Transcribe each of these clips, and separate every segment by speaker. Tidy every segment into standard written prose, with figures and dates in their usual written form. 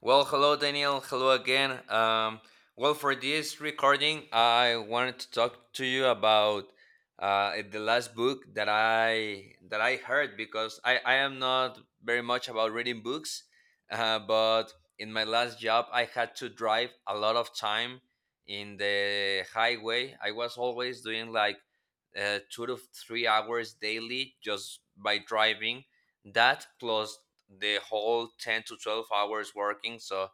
Speaker 1: Well, hello, Daniel. Hello again. Well, for this recording, I wanted to talk to you about the last book that I heard because I am not very much about reading books, but in my last job, I had to drive a lot of time in the highway. I was always doing like 2 to 3 hours daily just by driving. That plus the whole 10 to 12 hours working, so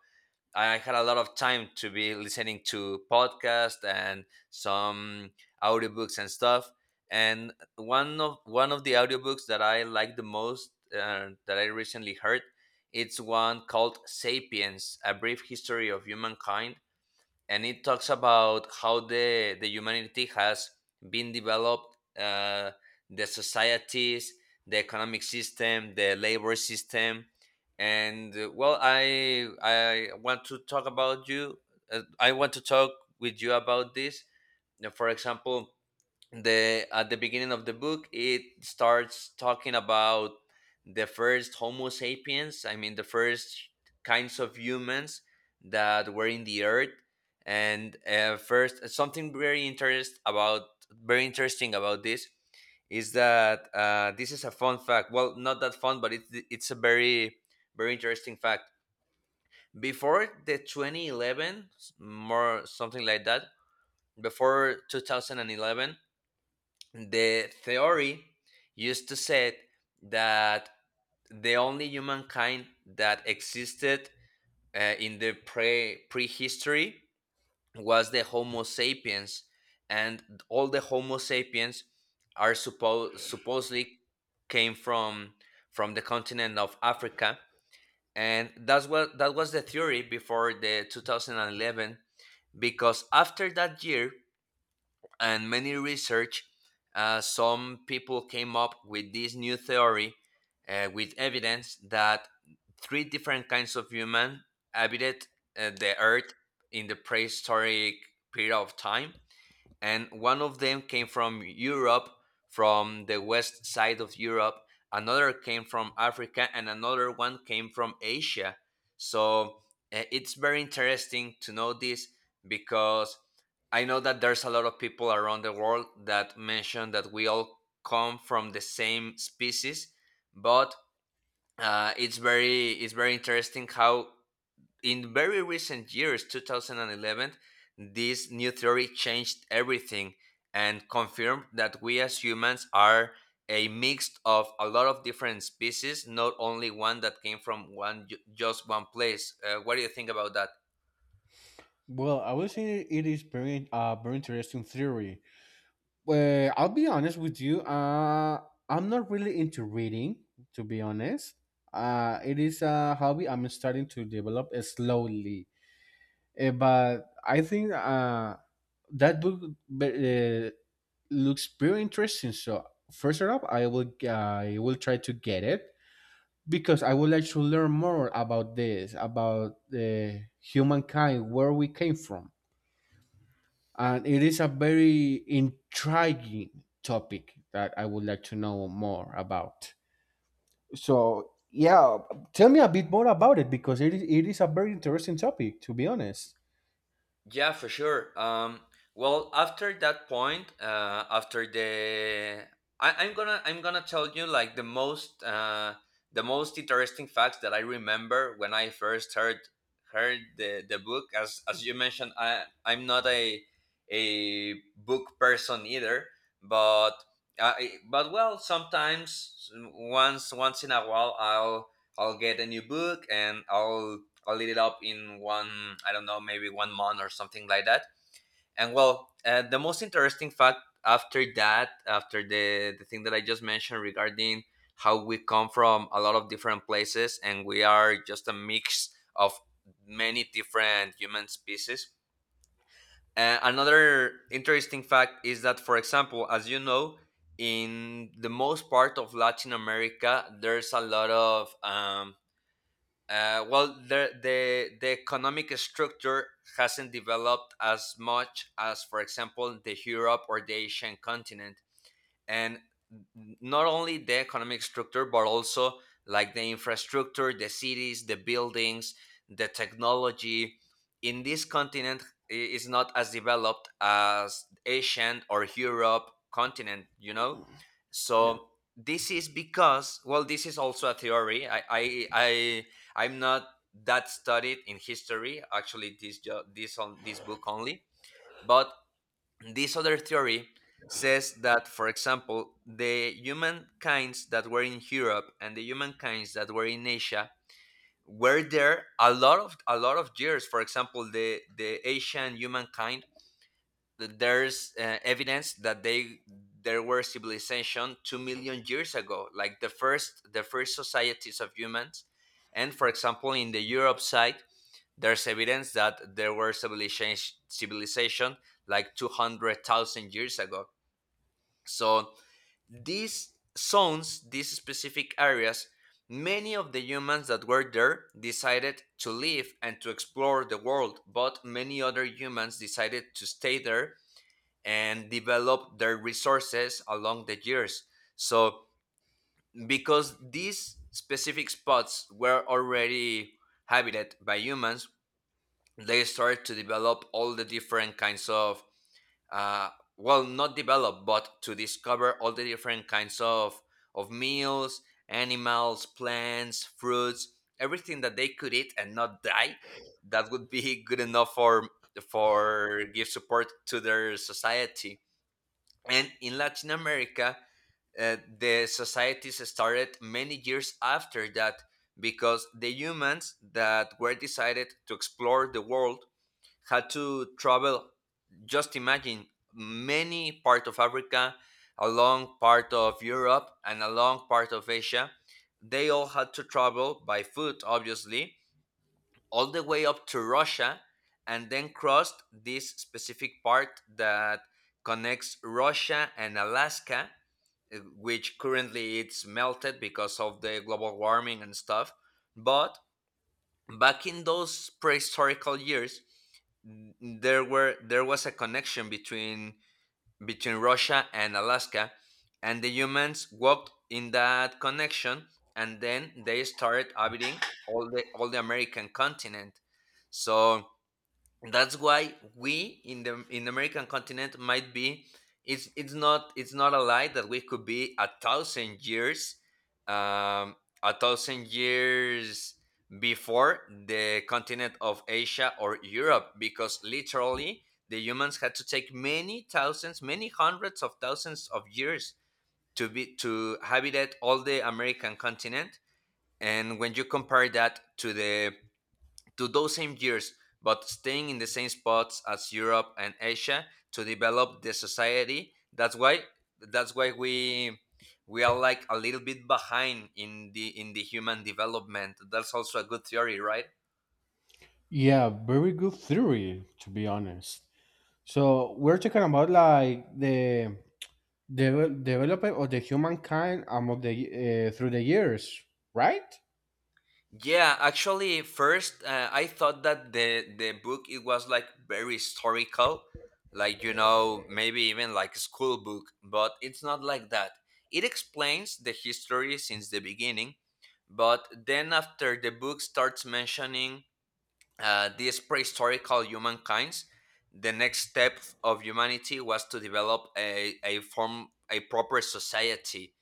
Speaker 1: I had a lot of time to be listening to podcasts and some audiobooks and stuff. And one of the audiobooks that I like the most, that I recently heard, it's one called Sapiens, A Brief History of Humankind. And it talks about how the humanity has been developed, the societies, the economic system, the labor system. And well, I want to talk about you, I want to talk with you about this. Now, for example, the at the beginning of the book, it starts talking about the first Homo sapiens, I mean the first kinds of humans that were in the earth. And first, something very interest about very interesting about this is that this is a fun fact, well, not that fun, but it's a very interesting fact. Before the 2011, more something like that, before 2011, the theory used to say that the only humankind that existed in the prehistory was the Homo sapiens, and all the Homo sapiens are supposedly came from the continent of Africa, and that was the theory before the 2011. Because after that year, and many research, some people came up with this new theory, with evidence that three different kinds of human habited the earth in the prehistoric period of time. And one of them came from Europe, from the west side of Europe. Another came from Africa, and another one came from Asia. So it's very interesting to know this because I know that there's a lot of people around the world that mention that we all come from the same species, but it's very interesting how in very recent years, 2011, this new theory changed everything and confirmed that we as humans are a mix of a lot of different species, not only one that came from just one place. What do you think about that?
Speaker 2: Well, I would say it is very interesting theory. Well, I'll be honest with you. I'm not really into reading, to be honest. It is a hobby I'm starting to develop slowly. But I think that book uh, looks very interesting. So first up, I will try to get it because I would like to learn more about this, about the humankind, where we came from, and it is a very intriguing topic that I would like to know more about. So, yeah, tell me a bit more about it because it is a very interesting topic, to be honest.
Speaker 1: Yeah, for sure. Well, after that point, I'm gonna tell you like the most interesting facts that I remember when I first heard the book. As you mentioned, I'm not a book person either, but but well, sometimes once in a while I'll get a new book and I'll eat it up in one, I don't know, maybe 1 month or something like that. And well, the most interesting fact after that, after the thing that I just mentioned regarding how we come from a lot of different places and we are just a mix of many different human species. Another interesting fact is that, for example, as you know, in the most part of Latin America, there's a lot of well, the economic structure hasn't developed as much as, for example, the Europe or the Asian continent. And not only the economic structure, but also like the infrastructure, the cities, the buildings, the technology in this continent is not as developed as Asian or Europe continent, you know.
Speaker 2: Yeah.
Speaker 1: So this is because, well, this is also a theory. I I'm not that studied in history, actually, this on this book only, but this other theory says that, for example, the humankinds that were in Europe and the humankinds that were in Asia were there a lot of years. For example, the Asian humankind, there's evidence that they there were civilization 2 million years ago, like the first societies of humans. And for example, in the Europe side, there's evidence that there were civilization like 200,000 years ago. So these zones, these specific areas, many of the humans that were there decided to live and to explore the world, but many other humans decided to stay there and develop their resources along the years. So because these specific spots were already habited by humans, they started to develop all the different kinds of uh, not develop but to discover all the different kinds of meals, animals, plants, fruits, everything that they could eat and not die, that would be good enough for give support to their society. And in Latin America, the societies started many years after that because the humans that were decided to explore the world had to travel, just imagine, many part of Africa, a long part of Europe and a long part of Asia. They all had to travel by foot, obviously, all the way up to Russia, and then crossed this specific part that connects Russia and Alaska, which currently it's melted because of the global warming and stuff. But back in those prehistorical years, there was a connection between Russia and Alaska, and the humans walked in that connection, and then they started habiting all the American continent. So that's why we in the american continent might be, it's not a lie that we could be 1,000 years, um, 1,000 years before the continent of Asia or Europe, because literally the humans had to take many thousands, many hundreds of thousands of years to be to habitat all the American continent. And when you compare that to the to those same years, but staying in the same spots as Europe and Asia to develop the society. That's why we are like a little bit behind in the human development. That's also a good theory, right?
Speaker 2: Yeah, very good theory, to be honest. So, we're talking about like the development of the humankind among the through the years, right?
Speaker 1: Yeah, actually, first, I thought that the book it was like very historical, like, you know, maybe even like a school book, but it's not like that. It explains the history since the beginning, but then after the book starts mentioning these prehistorical humankinds, the next step of humanity was to develop a form a proper society.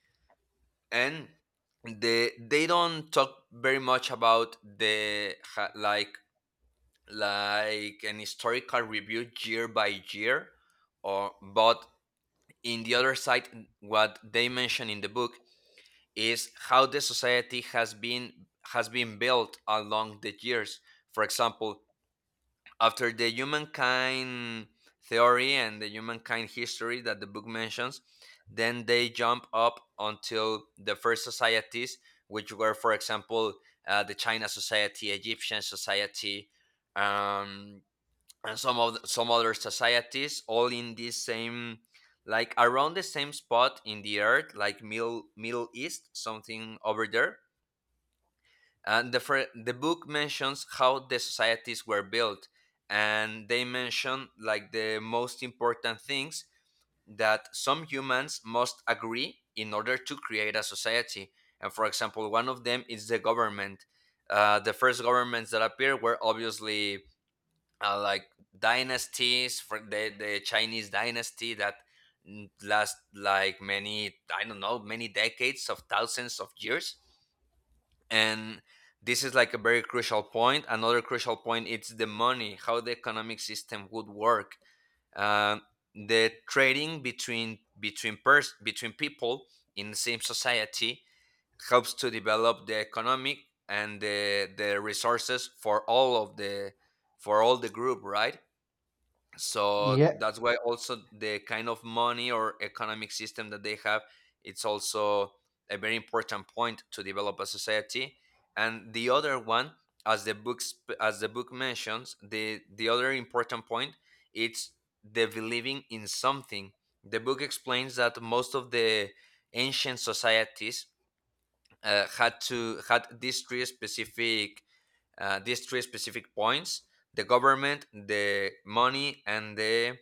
Speaker 1: And they don't talk very much about like an historical review year by year or, but in the other side, what they mention in the book is how the society has been built along the years. For example, after the humankind theory and the humankind history that the book mentions, then they jump up until the first societies, which were, for example, the China Society, Egyptian Society, um, and some other societies, all in this same, like around the same spot in the earth, like Middle East, something over there. And the book mentions how the societies were built, and they mention like the most important things that some humans must agree in order to create a society. And for example, one of them is the government. The first governments that appear were obviously like dynasties, for the Chinese dynasty that, mm, last like many, I don't know, many decades of thousands of years. And this is like a very crucial point. Another crucial point, it's the money, how the economic system would work. Uh, the trading between between people in the same society helps to develop the economic and the resources for all of the, for all the group, right? So that's why also the kind of money or economic system that they have, it's also a very important point to develop a society. And the other one, as the as the book mentions, the other important point, it's the believing in something. The book explains that most of the ancient societies had these three specific points: the government, the money, and the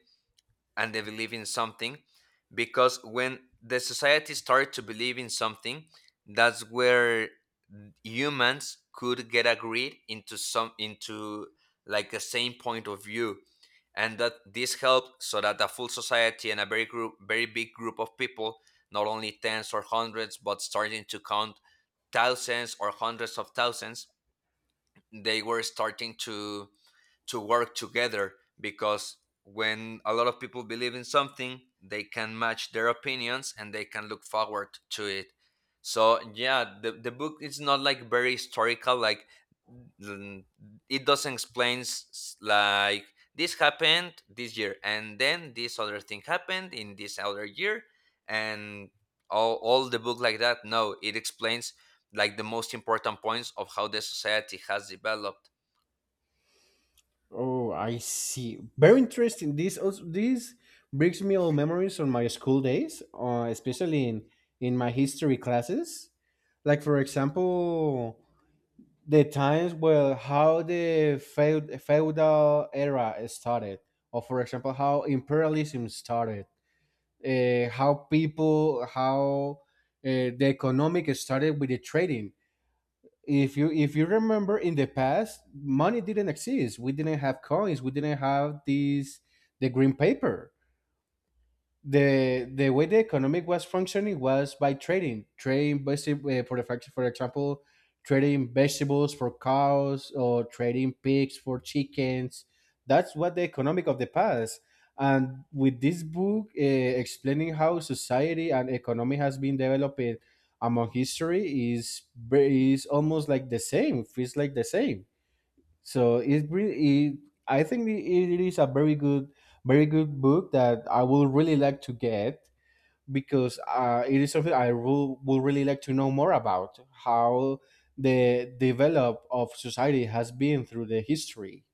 Speaker 1: and they believe in something. Because when the society started to believe in something, that's where humans could get agreed into some into like the same point of view. And that this helped so that a full society and a very big group of people, not only tens or hundreds but starting to count thousands or hundreds of thousands, they were starting to work together, because when a lot of people believe in something, they can match their opinions and they can look forward to it. So yeah, the book is not like very historical. Mm, it doesn't explain like this happened this year and then this other thing happened in this other year and all the book like that. No, it explains like the most important points of how the society has developed.
Speaker 2: Oh, I see. Very interesting. This brings me all memories on my school days, especially in my history classes. Like for example, the times where how the feudal era started, or for example how imperialism started, how people how the economic started with the trading. If you remember, in the past money didn't exist, we didn't have coins, we didn't have these, the green paper. The way the economic was functioning was by trading basically, for the fact, for example, trading vegetables for cows or trading pigs for chickens. That's what the economic of the past. And with this book explaining how society and economy has been developing among history is is almost like the same, feels like the same. So it, really, it I think it it is a very good book that I would really like to get because it is something i will really like to know more about: how the develop of society has been through the history.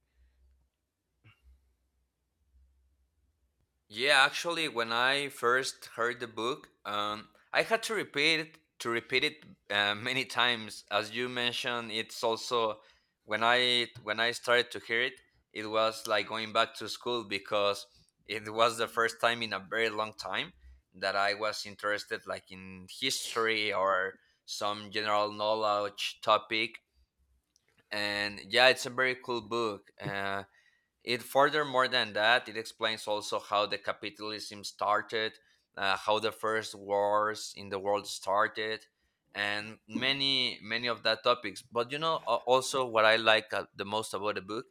Speaker 1: Yeah, actually, when I first heard the book, I had to repeat it many times. As you mentioned, it's also when I started to hear it, it was like going back to school because it was the first time in a very long time that I was interested, like in history or some general knowledge topic. And yeah, it's a very cool book. It furthermore than that, it explains also how the capitalism started, how the first wars in the world started, and many many of that topics. But you know, a- also what I like the most about the book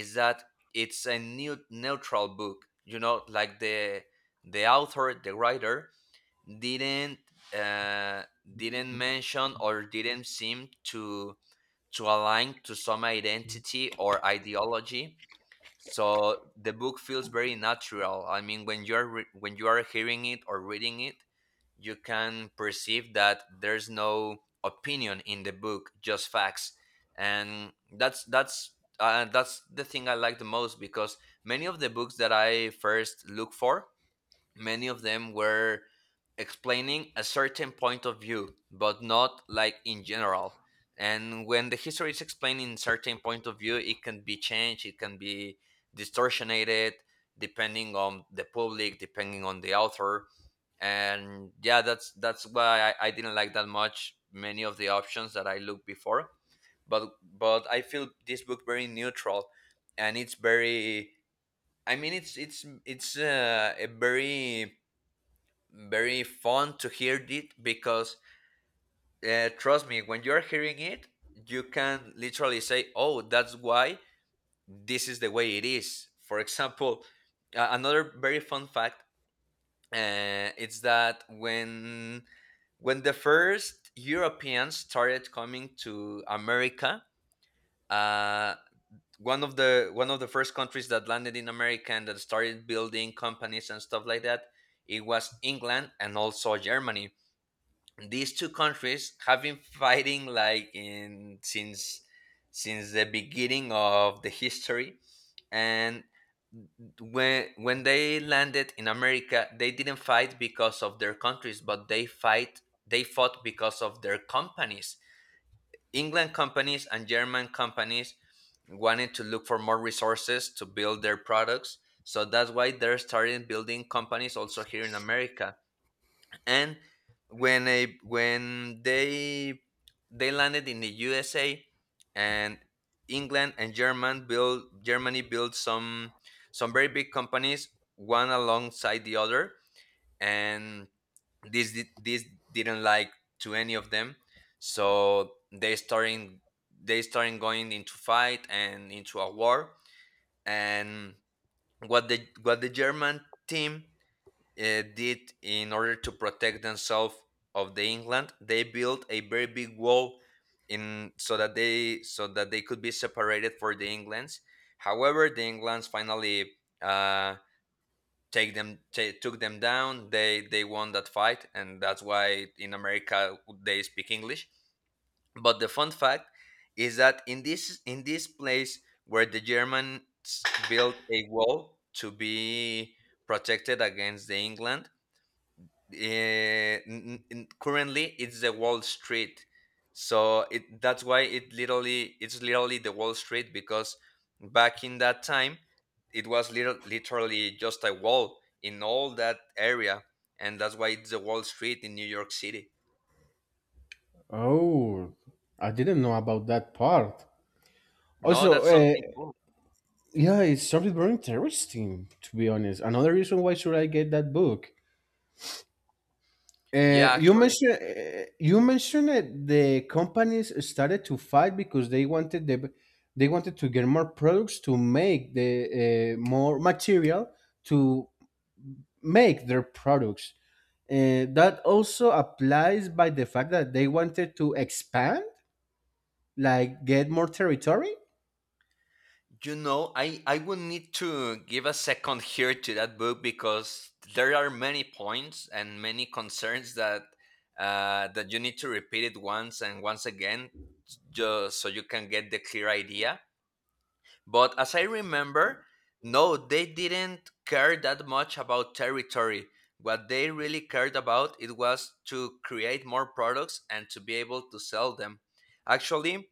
Speaker 1: is that it's a new neutral book. You know, like the author, the writer didn't uh, didn't mention or didn't seem to align to some identity or ideology, so the book feels very natural. I mean, when you're re- when you are hearing it or reading it, you can perceive that there's no opinion in the book, just facts. And that's the thing I like the most because many of the books that I first look for, many of them were explaining a certain point of view, but not like in general. And when the history is explaining certain point of view, it can be changed, it can be distortionated depending on the public, depending on the author. And yeah, that's why I didn't like that much many of the options that I looked before. But I feel this book very neutral, and it's very, I mean it's a very very fun to hear it because trust me, when you're hearing it, you can literally say, oh, that's why this is the way it is. For example, another very fun fact, it's that when the first Europeans started coming to America, uh, one of the first countries that landed in America and that started building companies and stuff like that, it was England and also Germany. These two countries have been fighting like in since the beginning of the history. And when they landed in America, they didn't fight because of their countries, but they fought because of their companies. England companies and German companies wanted to look for more resources to build their products, so that's why they're starting building companies also here in America. And when they landed in the USA, and England and German built Germany built some very big companies one alongside the other. And this didn't like to any of them. So they starting going into fight and into a war. And what the German team did in order to protect themselves of the England, they built a very big wall in, so that they could be separated for the Englands. However, the Englands finally uh, take them ta took them down. They won that fight, and that's why in America they speak English. But the fun fact is that in this place where the Germans built a wall to be protected against the England, currently it's the Wall Street. So it that's why it's literally the Wall Street because back in that time it was literally just a wall in all that area, and that's why it's the Wall Street in New York City.
Speaker 2: Oh, I didn't know about that part.
Speaker 1: No,
Speaker 2: Also,
Speaker 1: that's something cool.
Speaker 2: yeah, it's something very interesting, to be honest. Another reason why should I get that book.
Speaker 1: Yeah,
Speaker 2: You
Speaker 1: actually,
Speaker 2: mentioned that the companies started to fight because they wanted they wanted to get more products to make the more material to make their products. That also applies by the fact that they wanted to expand, like get more territory.
Speaker 1: you know, I would need to give a second here to that book because there are many points and many concerns that that you need to repeat it once and once again just so you can get the clear idea. But as I remember, no, they didn't care that much about territory. What they really cared about it was to create more products and to be able to sell them. Actually,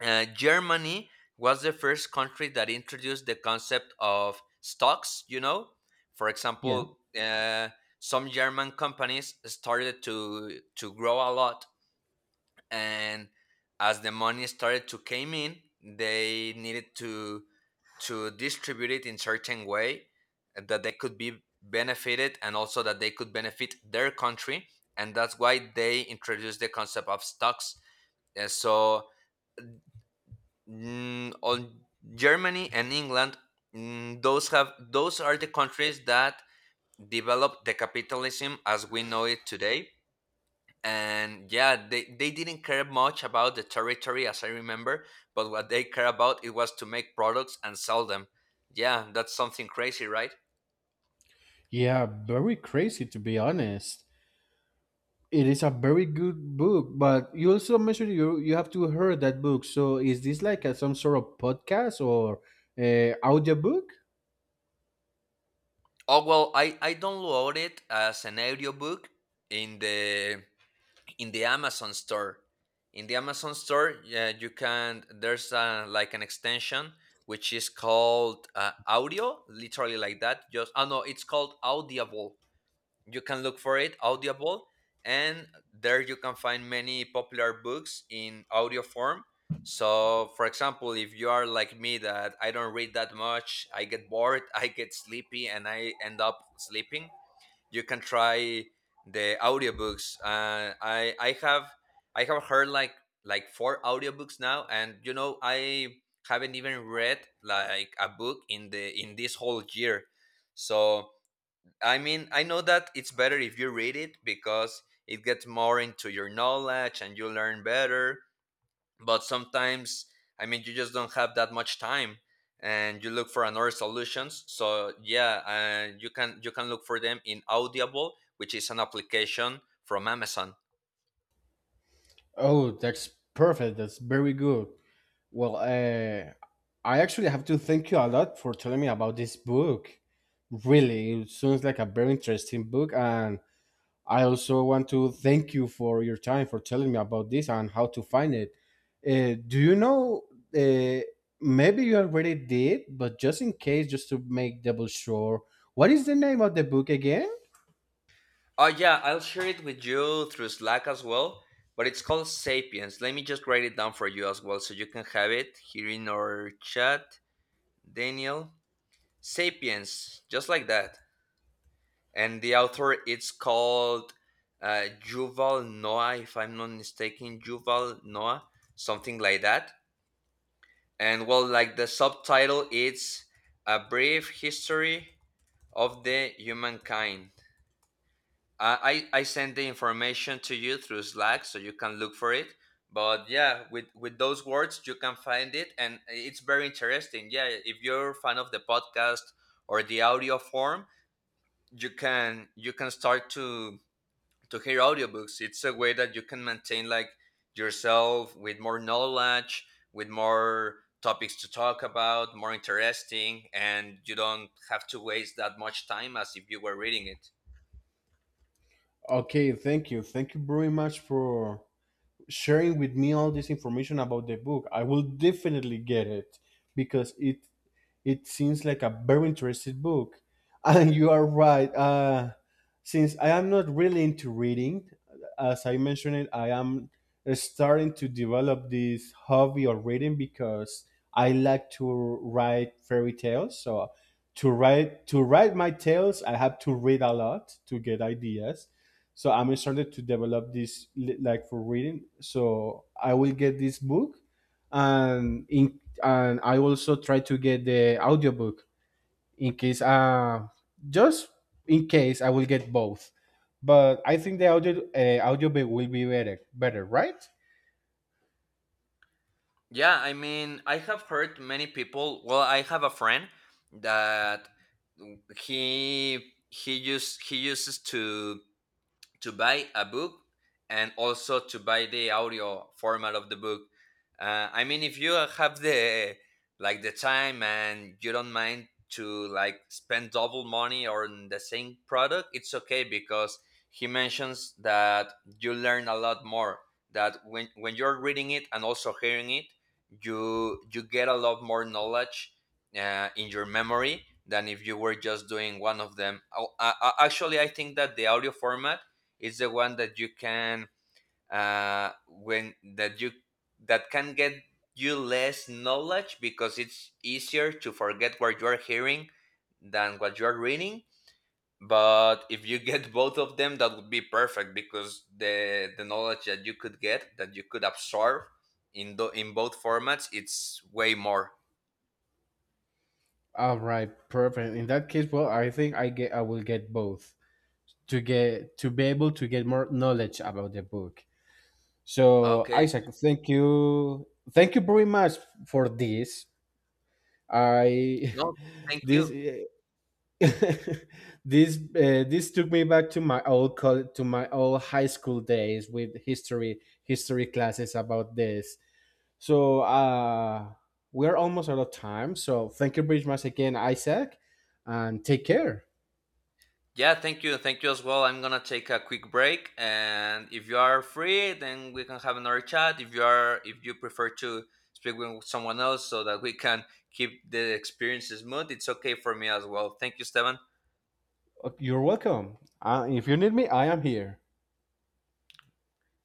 Speaker 1: Germany was the first country that introduced the concept of stocks, you know. For
Speaker 2: Yeah.
Speaker 1: example, some German companies started to grow a lot, and as the money started to came in, they needed to distribute it in certain way that they could be benefited and also that they could benefit their country, and that's why they introduced the concept of stocks. So Mm, on Germany and England, those have those are the countries that developed the capitalism as we know it today. And yeah, they didn't care much about the territory as I remember, but what they care about it was to make products and sell them. Yeah, that's something crazy, right?
Speaker 2: Yeah, very crazy, to be honest. It is a very good book, but you also mentioned you have to hear that book. So is this like a, some sort of podcast or audiobook?
Speaker 1: Oh well, I downloaded as an audiobook in the in the Amazon store. In the Amazon store, yeah, you can. There's like an extension which is called audio, literally like that. Just oh no, it's called Audible. You can look for it, Audible, and there you can find many popular books in audio form. So, for example, if you are like me that I don't read that much, I get bored, I get sleepy, and I end up sleeping. You can try the audiobooks. I have heard like four audiobooks now, and you know, I haven't even read like a book in the in this whole year. So I mean, I know that it's better if you read it because it gets more into your knowledge and you learn better, but sometimes, I mean, you just don't have that much time and you look for another solutions. So yeah, you can look for them in Audible, which is an application from Amazon.
Speaker 2: Oh, that's perfect. That's very good. Well, I actually have to thank you a lot for telling me about this book. Really, it sounds like a very interesting book, and I also want to thank you for your time for telling me about this and how to find it. Do you know? Uh, maybe you already did, but just in case, just to make double sure, what is the name of the book again?
Speaker 1: Oh yeah, I'll share it with you through Slack as well, but it's called Sapiens. Let me just write it down for you as well so you can have it here in our chat. Daniel. Sapiens, just like that. And the author, it's called Yuval Noah, if I'm not mistaken, Yuval Noah, something like that. And well, like the subtitle, it's A Brief History of the Humankind. I sent the information to you through Slack, so you can look for it. But yeah, with those words, you can find it, and it's very interesting. Yeah, if you're a fan of the podcast or the audio form, you can start to hear audiobooks. It's a way that you can maintain like yourself with more knowledge, with more topics to talk about more interesting, and you don't have to waste that much time as if you were reading it.
Speaker 2: Okay, thank you. Thank you very much for sharing with me all this information about the book. I will definitely get it because it seems like a very interesting book. And you are right. Since I am not really into reading, as I mentioned, I am starting to develop this hobby of reading because I like to write fairy tales. So to write my tales, I have to read a lot to get ideas. So I'm starting to develop this like for reading. So I will get this book and in and I also try to get the audiobook in case just in case. I will get both. But I think the audiobook will be better, right?
Speaker 1: Yeah, I mean, I have heard many people, well, I have a friend that he uses to buy a book and also to buy the audio format of the book. I mean, if you have the like the time and you don't mind to like spend double money on the same product, it's okay because he mentions that you learn a lot more. That when you're reading it and also hearing it, you get a lot more knowledge in your memory than if you were just doing one of them. Oh, actually, I think that the audio format it's the one that you can when that you that can get you less knowledge because it's easier to forget what you are hearing than what you are reading. But if you get both of them, that would be perfect because the knowledge that you could get that you could absorb in in both formats, it's way more.
Speaker 2: All right, perfect. In that case, well, I think I will get both to get to be able to get more knowledge about the book. So,
Speaker 1: Okay.
Speaker 2: Isaac, thank you very much for this. I
Speaker 1: No, thank
Speaker 2: this
Speaker 1: you.
Speaker 2: this this took me back to my old to my old high school days with history classes about this. So we're almost out of time. So thank you very much again, Isaac, and take care.
Speaker 1: Yeah, thank you. Thank you as well. I'm going to take a quick break, and if you are free, then we can have another chat. If you are if you prefer to speak with someone else so that we can keep the experience smooth, it's okay for me as well. Thank you, Esteban.
Speaker 2: You're welcome. If you need me, I am here.